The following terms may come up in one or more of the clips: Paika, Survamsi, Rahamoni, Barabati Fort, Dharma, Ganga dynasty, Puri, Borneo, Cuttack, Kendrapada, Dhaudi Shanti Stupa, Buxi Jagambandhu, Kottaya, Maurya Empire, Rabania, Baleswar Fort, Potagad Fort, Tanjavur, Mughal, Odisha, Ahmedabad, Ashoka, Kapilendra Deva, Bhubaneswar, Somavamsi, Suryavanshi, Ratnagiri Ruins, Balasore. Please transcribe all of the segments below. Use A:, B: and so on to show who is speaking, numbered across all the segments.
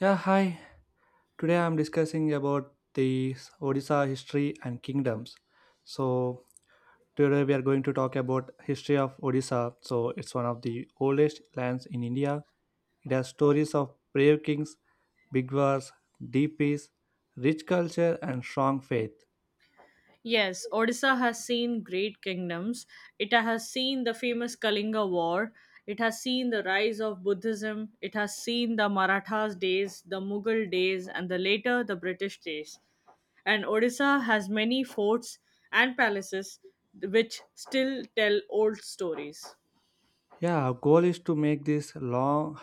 A: Yeah, hi. Today I'm discussing about the Odisha history and kingdoms. So today we are going to talk about history of Odisha. So it's one of the oldest lands in India. It has stories of brave kings, big wars, deep peace, rich culture, and strong faith.
B: Yes, Odisha has seen great kingdoms. It has seen the famous Kalinga War. It has seen the rise of Buddhism. It has seen the Marathas' days, the Mughal days, and the later the British days. And Odisha has many forts and palaces which still tell old stories.
A: Yeah, our goal is to make this long.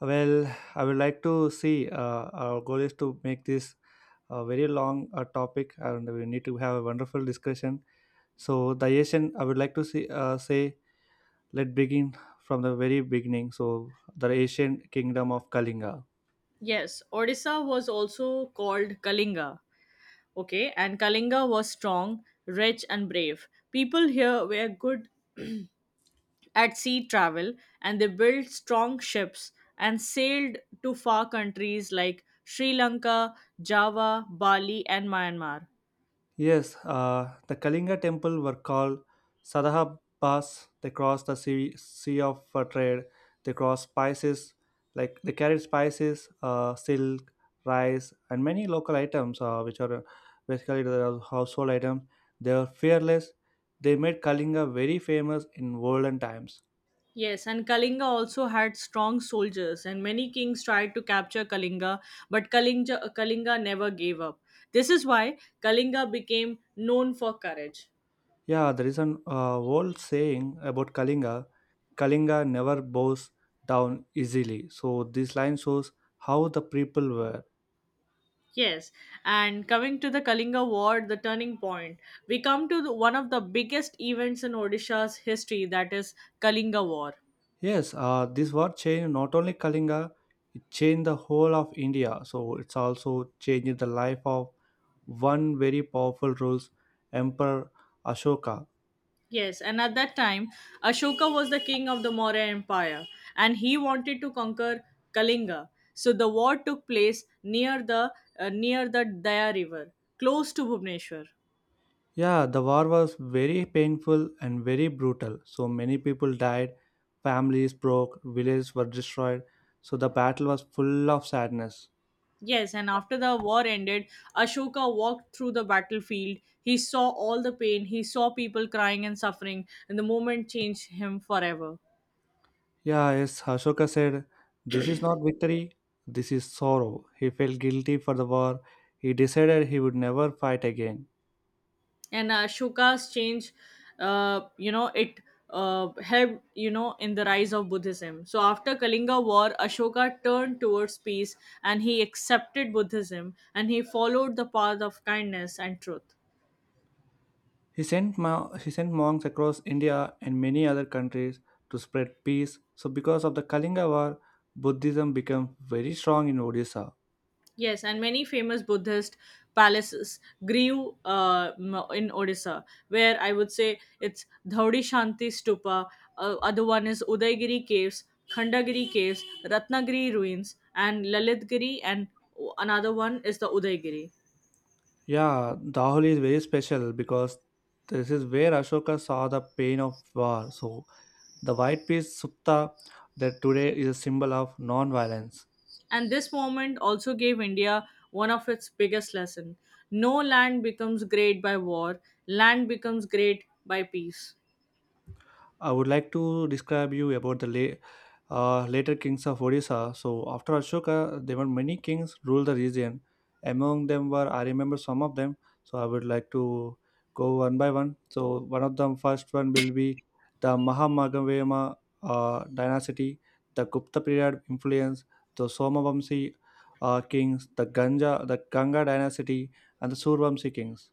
A: Well, I would like to see. Our goal is to make this a very long topic, and we need to have a wonderful discussion. So the Asian, I would like to see, say, let begin from the very beginning. So the ancient kingdom of Kalinga.
B: Yes, Odisha was also called Kalinga. Okay, and Kalinga was strong, rich, and brave. People here were good at sea travel and they built strong ships and sailed to far countries like Sri Lanka, Java, Bali, and Myanmar.
A: Yes, the Kalinga temple were called Sadahabas. They crossed the sea, sea of trade. They crossed spices, like they carried spices, silk, rice, and many local items, which are basically the household items. They were fearless. They made Kalinga very famous in olden times.
B: Yes, and Kalinga also had strong soldiers, and many kings tried to capture Kalinga, but Kalinga never gave up. This is why Kalinga became known for courage.
A: Yeah, there is an old saying about Kalinga never bows down easily. So this line shows how the people were.
B: Yes, and coming to the Kalinga War, the turning point, we come to one of the biggest events in Odisha's history, that is Kalinga War.
A: Yes, this war changed not only Kalinga, it changed the whole of India. So it's also changed the life of one very powerful rules, Emperor Ashoka.
B: Yes, and at that time, Ashoka was the king of the Maurya Empire and he wanted to conquer Kalinga. So the war took place near the Daya River, close to Bhubaneswar.
A: Yeah, the war was very painful and very brutal. So many people died, families broke, villages were destroyed. So the battle was full of sadness.
B: Yes, and after the war ended, Ashoka walked through the battlefield. He saw all the pain, he saw people crying and suffering, and the moment changed him forever.
A: Yeah, as Ashoka said, this is not victory, this is sorrow. He felt guilty for the war. He decided he would never fight again.
B: And Ashoka's change you know it helped in the rise of Buddhism. So after Kalinga War, Ashoka turned towards peace, and he accepted Buddhism and he followed the path of kindness and truth.
A: He sent monks across India and many other countries to spread peace. So, because of the Kalinga War, Buddhism became very strong in Odisha.
B: Yes, and many famous Buddhist palaces grew in Odisha, where I would say it's Dhaudi Shanti Stupa, other one is Udaygiri Caves, Khandagiri Caves, Ratnagiri Ruins, and Lalitgiri, and another one is the Udaygiri.
A: Yeah, Dahul is very special because this is where Ashoka saw the pain of war. So the white piece Supta that today is a symbol of non-violence.
B: And this moment also gave India one of its biggest lesson. No land becomes great by war, land becomes great by peace.
A: I would like to describe you about the later kings of Odisha. So after Ashoka, there were many kings ruled the region. Among them were I remember some of them. So I would like to go one by one. So one of them first one will be the Mahamagavema dynasty, the Gupta period influence, the Somavamsi kings, the Ganga dynasty, and the Survamsi kings.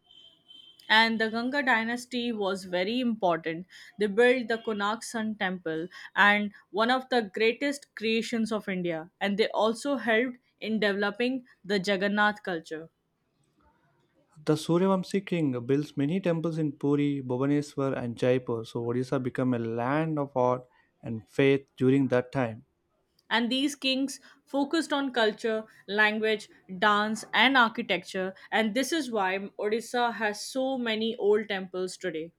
B: And the Ganga dynasty was very important. They built the Konark Sun Temple and one of the greatest creations of India, and they also helped in developing the Jagannath culture.
A: The Suryavanshi king builds many temples in Puri, Bhubaneswar, and Jaipur, so Odisha became a land of art and faith during that time.
B: And these kings focused on culture, language, dance, and architecture, and this is why Odisha has so many old temples today.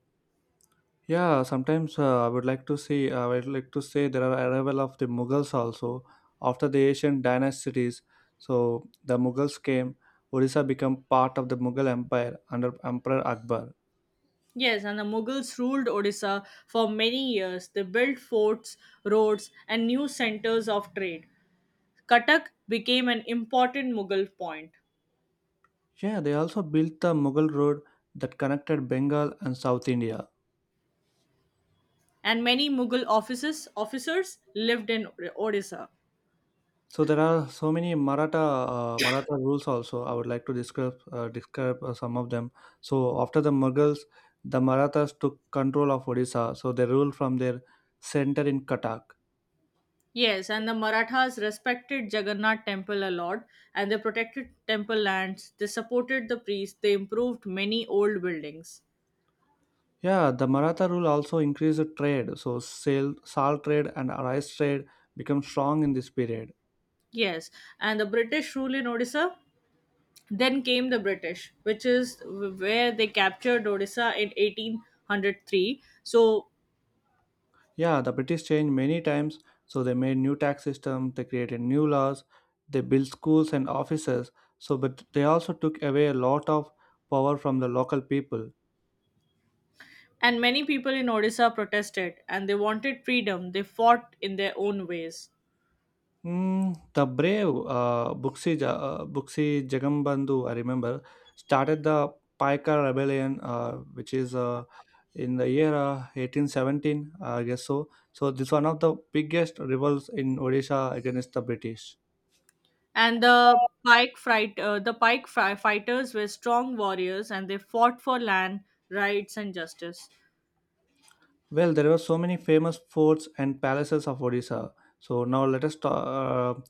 A: Yeah, sometimes I would like to say there are arrival of the Mughals also after the Asian dynasties. So the Mughals came. Odisha became part of the Mughal Empire under Emperor Akbar.
B: Yes, and the Mughals ruled Odisha for many years. They built forts, roads, and new centers of trade. Cuttack became an important Mughal point,
A: Yeah, they also built the Mughal road that connected Bengal and South India.
B: and many Mughal offices, officers lived in Odisha.
A: So there are so many Maratha rules also. I would like to describe some of them. So after the Mughals, the Marathas took control of Odisha. So they ruled from their center in Cuttack.
B: Yes, and the Marathas respected Jagannath temple a lot, and they protected temple lands, they supported the priests, they improved many old buildings.
A: Yeah, the Maratha rule also increased the trade. So salt trade and rice trade become strong in this period.
B: Yes, and the British rule in Odisha. Then came the British, which is where they captured Odisha in 1803. So
A: Yeah, the British changed many times, so they made new tax system, they created new laws, they built schools and offices. So, but they also took away a lot of power from the local people.
B: and many people in Odisha protested and they wanted freedom. They fought in their own ways.
A: The brave Buxi Jagambandhu, I remember, started the Paika rebellion, which is in the year 1817, I guess so. So this one of the biggest revolts in Odisha against the British.
B: And the pike, fright, the pike fri- fighters were strong warriors and they fought for land, rights, and justice.
A: Well, there were so many famous forts and palaces of Odisha. So now let us ta- uh,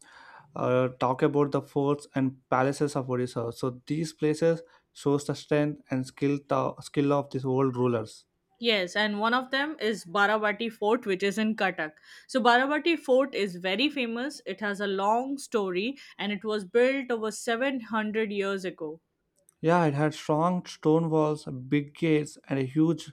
A: uh, talk about the forts and palaces of Odisha. So these places shows the strength and skill tho- skill of these old rulers.
B: Yes, and one of them is Barabati Fort, which is in Cuttack. So, Barabati Fort is very famous. It has a long story and it was built over 700 years ago.
A: Yeah, it had strong stone walls, big gates, and a huge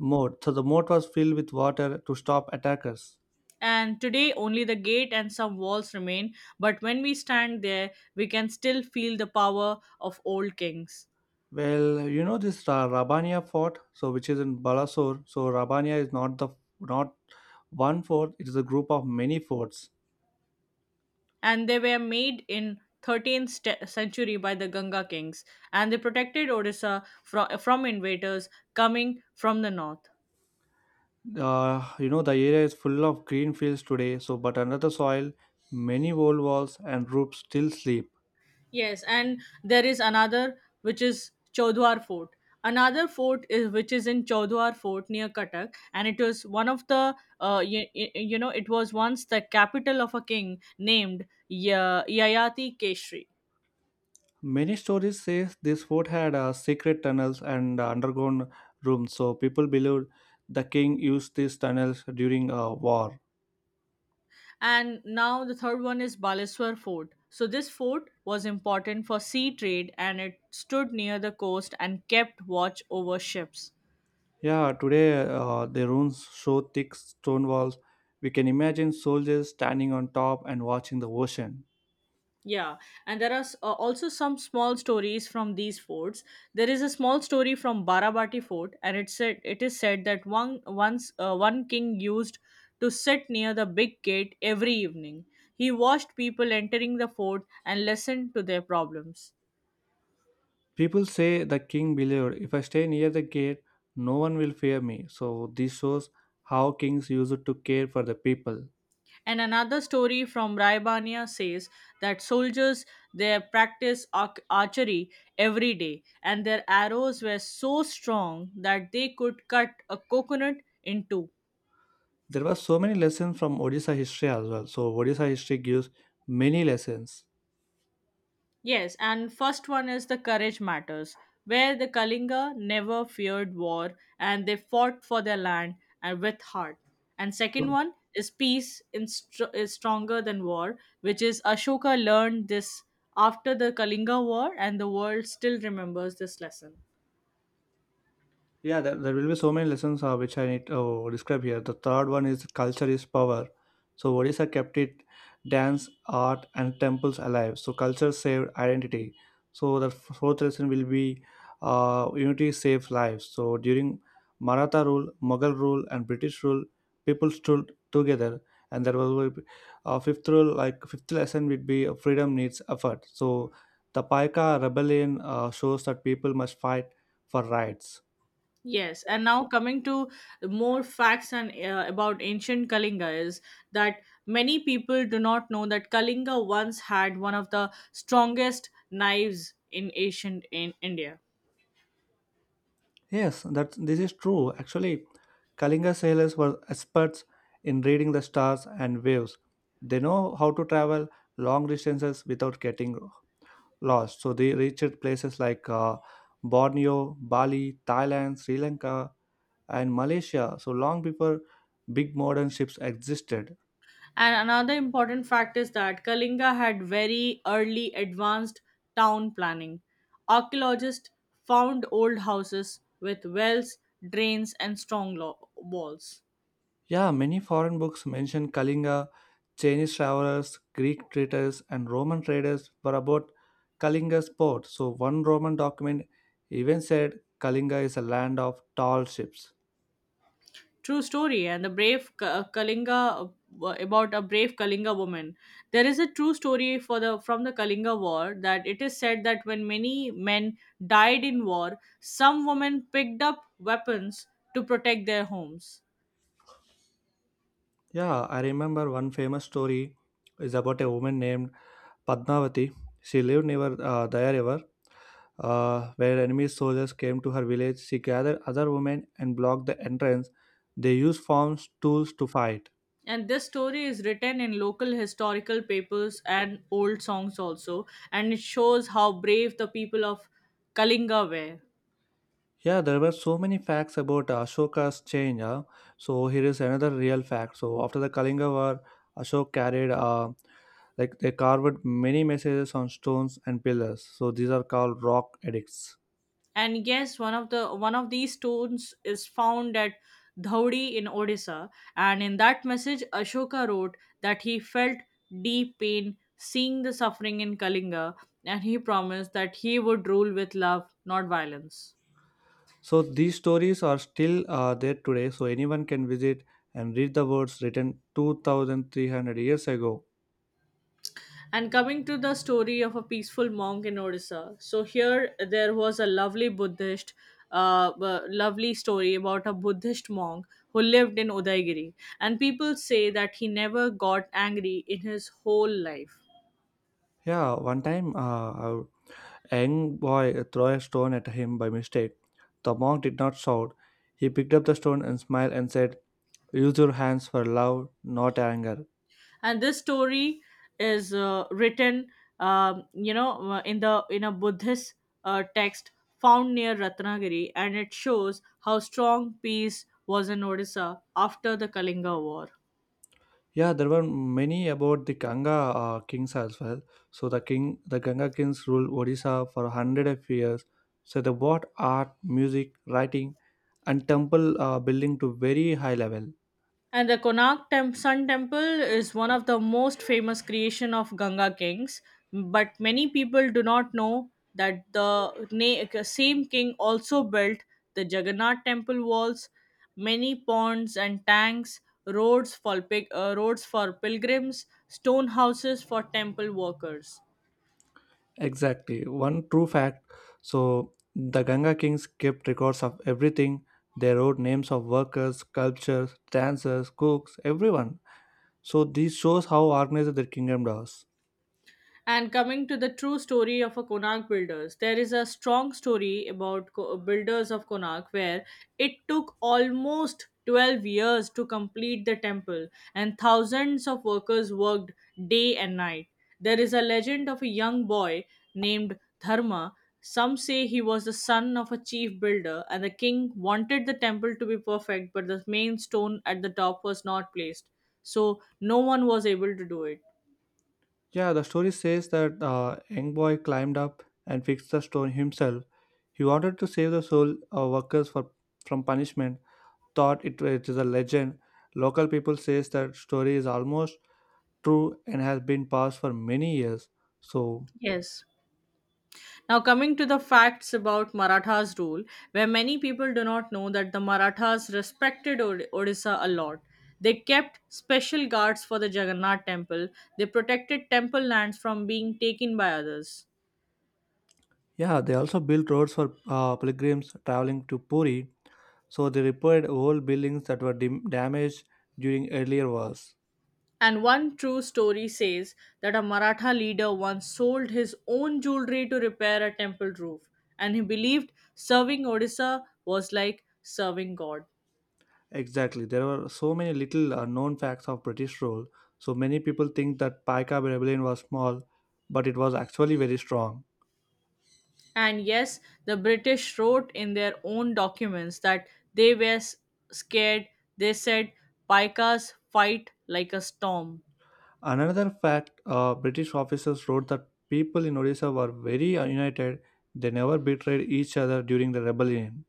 A: moat. So the moat was filled with water to stop attackers.
B: And today only the gate and some walls remain, but when we stand there we can still feel the power of old kings.
A: Well, you know this Rabania fort, so which is in Balasore. So Rabania is not one fort; it is a group of many forts.
B: And they were made in 13th st- century by the Ganga kings, and they protected Odisha from invaders coming from the north.
A: You know, the area is full of green fields today, so but under the soil, many old walls and roofs still sleep.
B: Yes, and there is another which is Chodwar Fort. Another fort is which is in Chodwar Fort near Cuttack, and it was one of the, you know, it was once the capital of a king named Ya Yayati Keshri.
A: Many stories say this fort had secret tunnels and underground rooms, so people believed the king used these tunnels during a war.
B: And now the third one is Baleswar Fort. So this fort was important for sea trade, and it stood near the coast and kept watch over ships.
A: Yeah, today the ruins show thick stone walls. We can imagine soldiers standing on top and watching the ocean.
B: Yeah, and also some small stories from these forts. There is a small story from Barabati Fort, and it said it is said that one once one king used to sit near the big gate every evening. He watched people entering the fort and listened to their problems.
A: People say the king believed if I stay near the gate, no one will fear me. So this shows how kings used to care for the people.
B: And another story from Raibania says that soldiers they practice archery every day, and their arrows were so strong that they could cut a coconut in two.
A: There were so many lessons from Odisha history as well. So Odisha history gives many lessons.
B: Yes, and first one is the courage matters, where the Kalinga never feared war and they fought for their land and with heart. And second one is peace is stronger than war, which is Ashoka learned this after the Kalinga war, and the world still remembers this lesson.
A: Yeah, there will be so many lessons which I need to describe here. The third one is culture is power. So Odisha kept it dance, art, and temples alive. So culture saved identity. So the fourth lesson will be unity saves lives. So during Maratha rule, Mughal rule, and British rule, people stood together. And there was a fifth rule, like fifth lesson would be freedom needs effort. So the Paika rebellion shows that people must fight for rights.
B: Yes, and now coming to more facts and about ancient Kalinga is that many people do not know that Kalinga once had one of the strongest knives in ancient in India.
A: Yes, that this is true. Actually, Kalinga sailors were experts in reading the stars and waves. They know how to travel long distances without getting lost. So they reached places like Borneo, Bali, Thailand, Sri Lanka, and Malaysia. So long before big modern ships existed.
B: And another important fact is that Kalinga had very early advanced town planning. Archaeologists found old houses with wells, drains, and strong walls.
A: Yeah, many foreign books mention Kalinga. Chinese travelers, Greek traders, and Roman traders were about Kalinga's port. So one Roman document even said Kalinga is a land of tall ships.
B: True story. And the brave Kalinga, about a brave Kalinga woman. There is a true story for the from the Kalinga War that it is said that when many men died in war, some women picked up weapons to protect their homes.
A: Yeah, I remember one famous story is about a woman named Padmavati. She lived near Daya River, where enemy soldiers came to her village. She gathered other women and blocked the entrance. They used forms tools to fight.
B: And this story is written in local historical papers and old songs also, and it shows how brave the people of Kalinga were.
A: Yeah, there were so many facts about Ashoka's change. So here is another real fact. So after the Kalinga War, Ashoka carried like they carved many messages on stones and pillars. So these are called rock edicts.
B: And yes, one of these stones is found at Dhaudi in Odisha, and in that message Ashoka wrote that he felt deep pain seeing the suffering in Kalinga, and he promised that he would rule with love, not violence.
A: So these stories are still there today. So anyone can visit and read the words written 2,300 years ago.
B: And coming to the story of a peaceful monk in Odisha. So here there was a lovely Buddhist, lovely story about a Buddhist monk who lived in Udaigiri. And people say that he never got angry in his whole life.
A: Yeah, one time a young boy threw a stone at him by mistake. The monk did not shout. He picked up the stone and smiled and said, use your hands for love not anger.
B: And this story is written, in the in a Buddhist text found near Ratnagiri, and it shows how strong peace was in Odisha after the Kalinga War.
A: Yeah, there were many about the Ganga kings as well. So the Ganga kings ruled Odisha for 100 of years. So they brought art, music, writing, and temple building to very high level.
B: And the Konark Tem- Sun Temple is one of the most famous creation of Ganga kings, but many people do not know that the same king also built the Jagannath temple walls, many ponds and tanks, roads for pilgrims, stone houses for temple workers.
A: Exactly, one true fact. So the Ganga kings kept records of everything. They wrote names of workers, sculptors, dancers, cooks, everyone. So this shows how organized their kingdom was.
B: And coming to the true story of a Konark builders, there is a strong story about builders of Konark where it took almost 12 years to complete the temple, and thousands of workers worked day and night. There is a legend of a young boy named Dharma. Some say he was the son of a chief builder and the king wanted the temple to be perfect, but the main stone at the top was not placed. So no one was able to do it.
A: Yeah, the story says that young boy climbed up and fixed the stone himself. He wanted to save the soul workers for, from punishment. Thought it, it is a legend. Local people says that story is almost true and has been passed for many years. So
B: Yes. Now, coming to the facts about Marathas' rule, where many people do not know that the Marathas respected Odisha a lot. They kept special guards for the Jagannath temple, they protected temple lands from being taken by others.
A: yeah, they also built roads for pilgrims traveling to Puri. So they repaired old buildings that were damaged during earlier wars.
B: And one true story says that a Maratha leader once sold his own jewelry to repair a temple roof, and he believed serving Odisha was like serving God.
A: Exactly. There were so many little known facts of British rule. So many people think that Paika rebellion was small, but it was actually very strong.
B: And yes, the British wrote in their own documents that they were scared. They said, Paikas fight like a storm.
A: Another fact, British officers wrote that people in Odisha were very united. They never betrayed each other during the rebellion.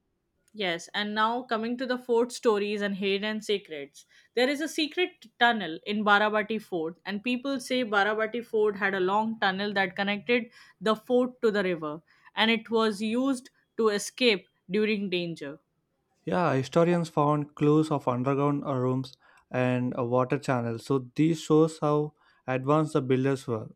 B: Yes, and now coming to the fort stories and hidden secrets. There is a secret tunnel in Barabati Fort, and people say Barabati Fort had a long tunnel that connected the fort to the river, and it was used to escape during danger.
A: Yeah, historians found clues of underground rooms and water channels. So these shows how advanced the builders were.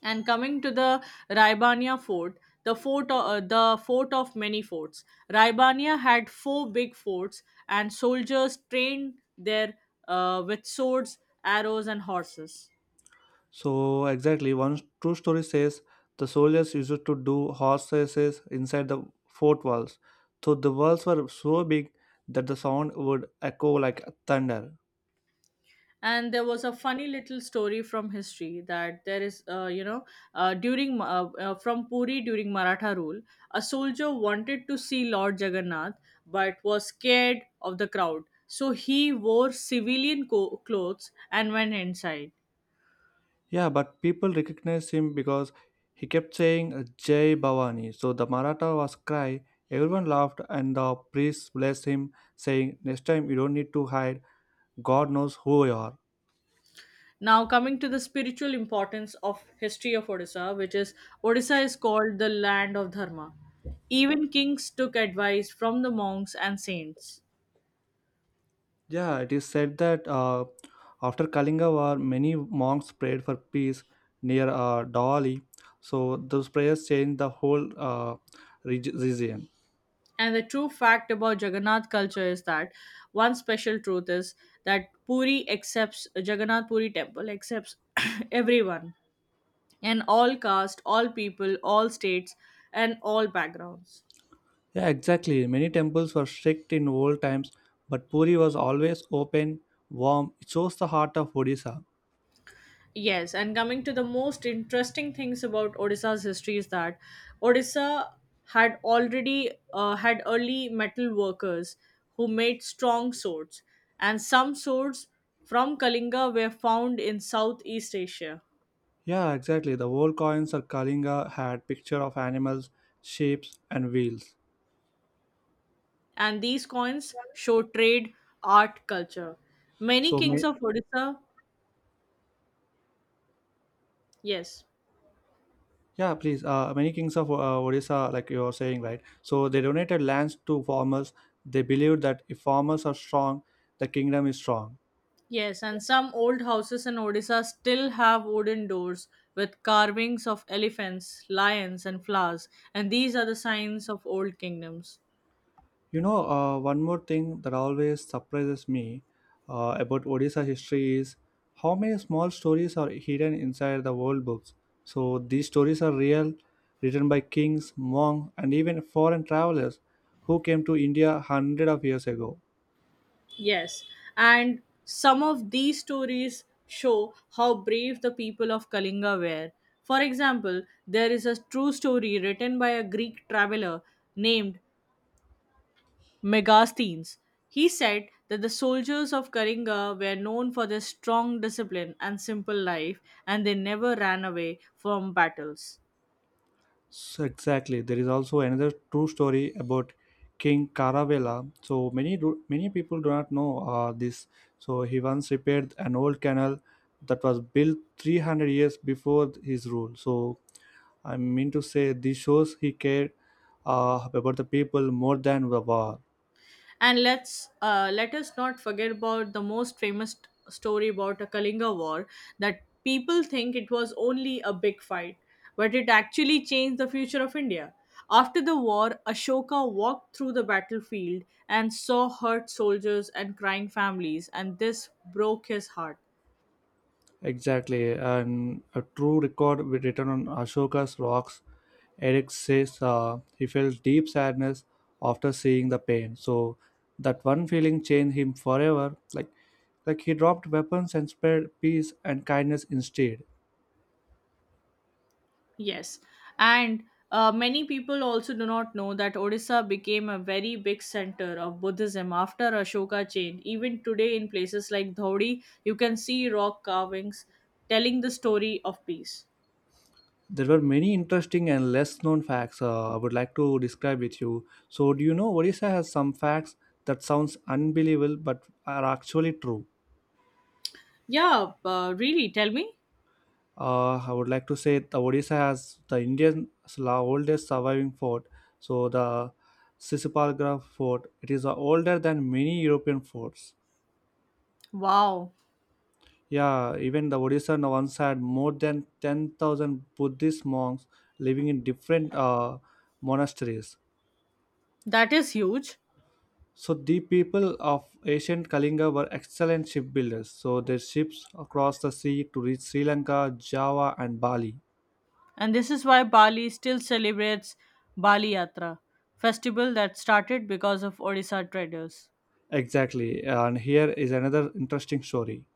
B: And coming to the Raibania fort, the fort of many forts. Raibania had four big forts, and soldiers trained there with swords, arrows, and horses.
A: So exactly, one true story says the soldiers used to do horse races inside the fort walls. So the walls were so big that the sound would echo like thunder.
B: And there was a funny little story from history that there is, you know, during from Puri during Maratha rule, a soldier wanted to see Lord Jagannath but was scared of the crowd, so he wore civilian co- clothes and went inside.
A: Yeah, but people recognized him because he kept saying Jai Bhavani. So the Maratha was cry. Everyone laughed, and the priest blessed him, saying, "Next time you don't need to hide. God knows who you are."
B: Now, coming to the spiritual importance of history of Odisha, which is Odisha is called the land of Dharma. Even kings took advice from the monks and saints.
A: Yeah, it is said that after Kalinga War, many monks prayed for peace near Dali. So those prayers changed the whole region.
B: And the true fact about Jagannath culture is that one special truth is that Puri accepts Jagannath Puri temple accepts everyone and all caste, all people, all states, and all backgrounds.
A: Yeah, exactly. Many temples were strict in old times, but Puri was always open, warm. It shows the heart of Odisha.
B: Yes, and coming to the most interesting things about Odisha's history is that Odisha had already had early metal workers who made strong swords, and some swords from Kalinga were found in Southeast Asia.
A: Yeah, exactly. The old coins of Kalinga had picture of animals, sheep, and wheels.
B: And these coins show trade, art, culture. Many
A: So ma-
B: kings of Odisha, yes.
A: Yeah, please. Many kings of Odisha, like you're saying, right? So they donated lands to farmers. They believed that if farmers are strong, the kingdom is strong.
B: Yes, and some old houses in Odisha still have wooden doors with carvings of elephants, lions, and flowers, and these are the signs of old kingdoms.
A: You know, one more thing that always surprises me about Odisha history is how many small stories are hidden inside the old books. So these stories are real, written by kings, monks, and even foreign travelers who came to India hundred of years ago.
B: Yes, and some of these stories show how brave the people of Kalinga were. For example, there is a true story written by a Greek traveler named Megasthenes. He said that the soldiers of Kalinga were known for their strong discipline and simple life, and they never ran away from battles.
A: So exactly, there is also another true story about King Caravela. So many people do not know this. So he once repaired an old canal that was built 300 years before his rule. So I mean to say, this shows he cared about the people more than the war.
B: And let us not forget about the most famous story about a Kalinga war that people think it was only a big fight, but it actually changed the future of India. After the war, Ashoka walked through the battlefield and saw hurt soldiers and crying families, and this broke his heart.
A: Exactly, and a true record with written on Ashoka's rocks Eric says he felt deep sadness after seeing the pain. So that one feeling changed him forever. Like he dropped weapons and spread peace and kindness instead.
B: Yes, and many people also do not know that Odisha became a very big center of Buddhism after Ashoka chain. Even today, in places like Dhaudi, you can see rock carvings telling the story of peace.
A: There were many interesting and less known facts I would like to describe with you. So do you know Odisha has some facts that sounds unbelievable but are actually true?
B: Yeah, really, tell me.
A: I would like to say the Odisha has the Indian oldest surviving fort. So the Sisipalgra fort, it is older than many European forts.
B: Wow,
A: Yeah, even the Odisha now once had more than 10,000 Buddhist monks living in different monasteries.
B: that is huge.
A: So the people of ancient Kalinga were excellent shipbuilders. So their ships across the sea to reach Sri Lanka, Java and Bali.
B: And this is why Bali still celebrates Bali Yatra, festival that started because of Odisha traders.
A: Exactly. And here is another interesting story.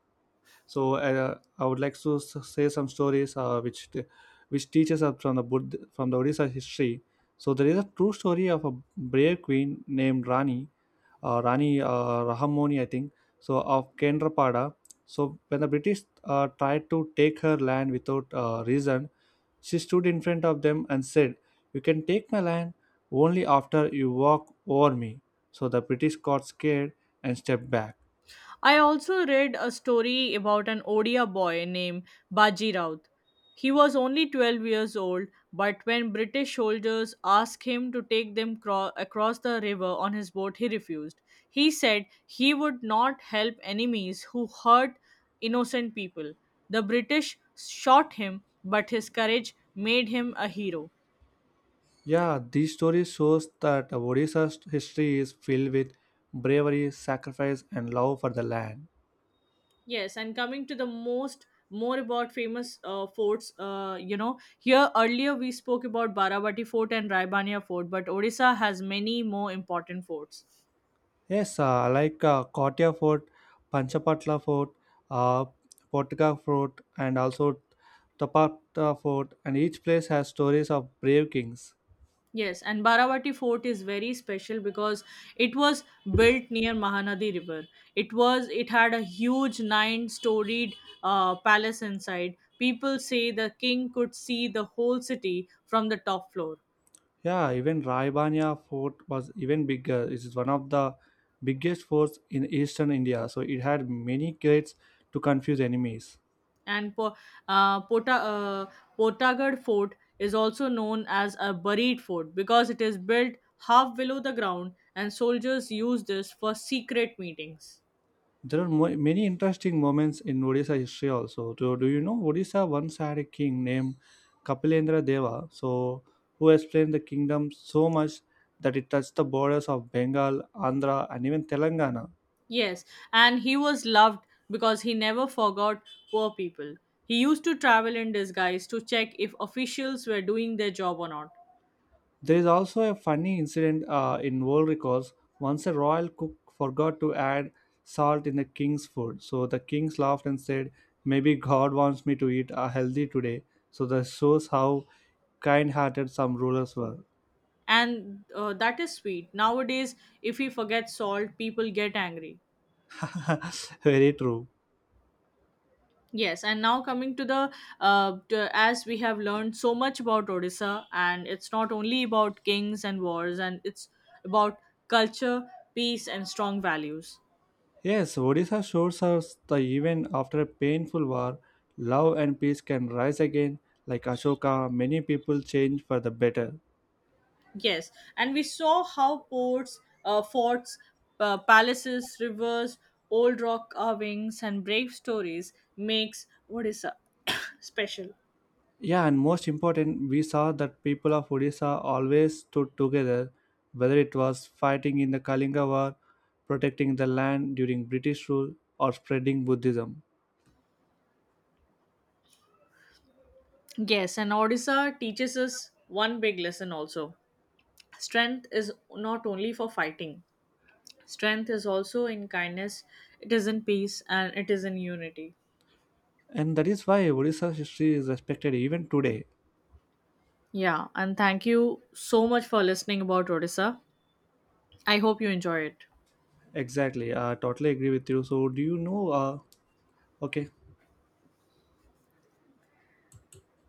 A: So I would like to s- say some stories which teaches us from the Buddha, from the Odisha history. So there is a true story of a brave queen named Rani Rahamoni, I think. So of Kendrapada. So when the British tried to take her land without reason, she stood in front of them and said, "You can take my land only after you walk over me." So the British got scared and stepped back.
B: I also read a story about an Odia boy named Baji Raut. He was only 12 years old, but when British soldiers asked him to take them cro- across the river on his boat, he refused. He said he would not help enemies who hurt innocent people. The British shot him, but his courage made him a hero.
A: Yeah, this story shows that Odisha's history is filled with bravery, sacrifice, and love for the land.
B: Yes, and coming to the most more about famous forts, here earlier we spoke about Baravati Fort and Raibania Fort, but Odisha has many more important forts.
A: Yes, like Kottaya Fort, Panchapatla Fort, uh, Potika Fort, and also Tapata Fort, and each place has stories of brave kings.
B: Yes, and Baravati Fort is very special because it was built near Mahanadi River. It had a huge nine-storied palace inside. People say the king could see the whole city from the top floor.
A: Yeah, even Raibania Fort was even bigger. It is one of the biggest forts in eastern India, so it had many gates to confuse enemies.
B: And uh, Pota, uh, Potagad Fort is also known as a buried fort because it is built half below the ground, and soldiers use this for secret meetings.
A: There are many interesting moments in Odisha history also. Do you know Odisha once had a king named Kapilendra Deva, so who explained the kingdom so much that it touched the borders of Bengal, Andhra, and even Telangana.
B: Yes, and he was loved because he never forgot poor people. He used to travel in disguise to check if officials were doing their job or not.
A: There is also a funny incident in world records. Once a royal cook forgot to add salt in the king's food, so the king laughed and said, "Maybe God wants me to eat healthy today." So that shows how kind-hearted some rulers were.
B: And that is sweet. Nowadays, if he forgets salt, people get angry.
A: Very true.
B: Yes, and now coming to the as we have learned so much about Odisha, and it's not only about kings and wars, and it's about culture, peace, and strong values.
A: Yes, Odisha shows us that even after a painful war, love and peace can rise again. Like Ashoka, many people change for the better.
B: Yes, and we saw how forts, palaces, rivers, old rock carvings, and brave stories makes Odisha special.
A: Yeah, and most important, we saw that people of Odisha always stood together, whether it was fighting in the Kalinga War, protecting the land during British rule, or spreading Buddhism.
B: Yes, and Odisha teaches us one big lesson also. Strength is not only for fighting, strength is also in kindness, it is in peace, and it is in unity.
A: And that is why Odisha's history is respected even today.
B: Yeah, and thank you so much for listening about Odisha. I hope you enjoy it.
A: Exactly, I totally agree with you. So, do you know? Okay.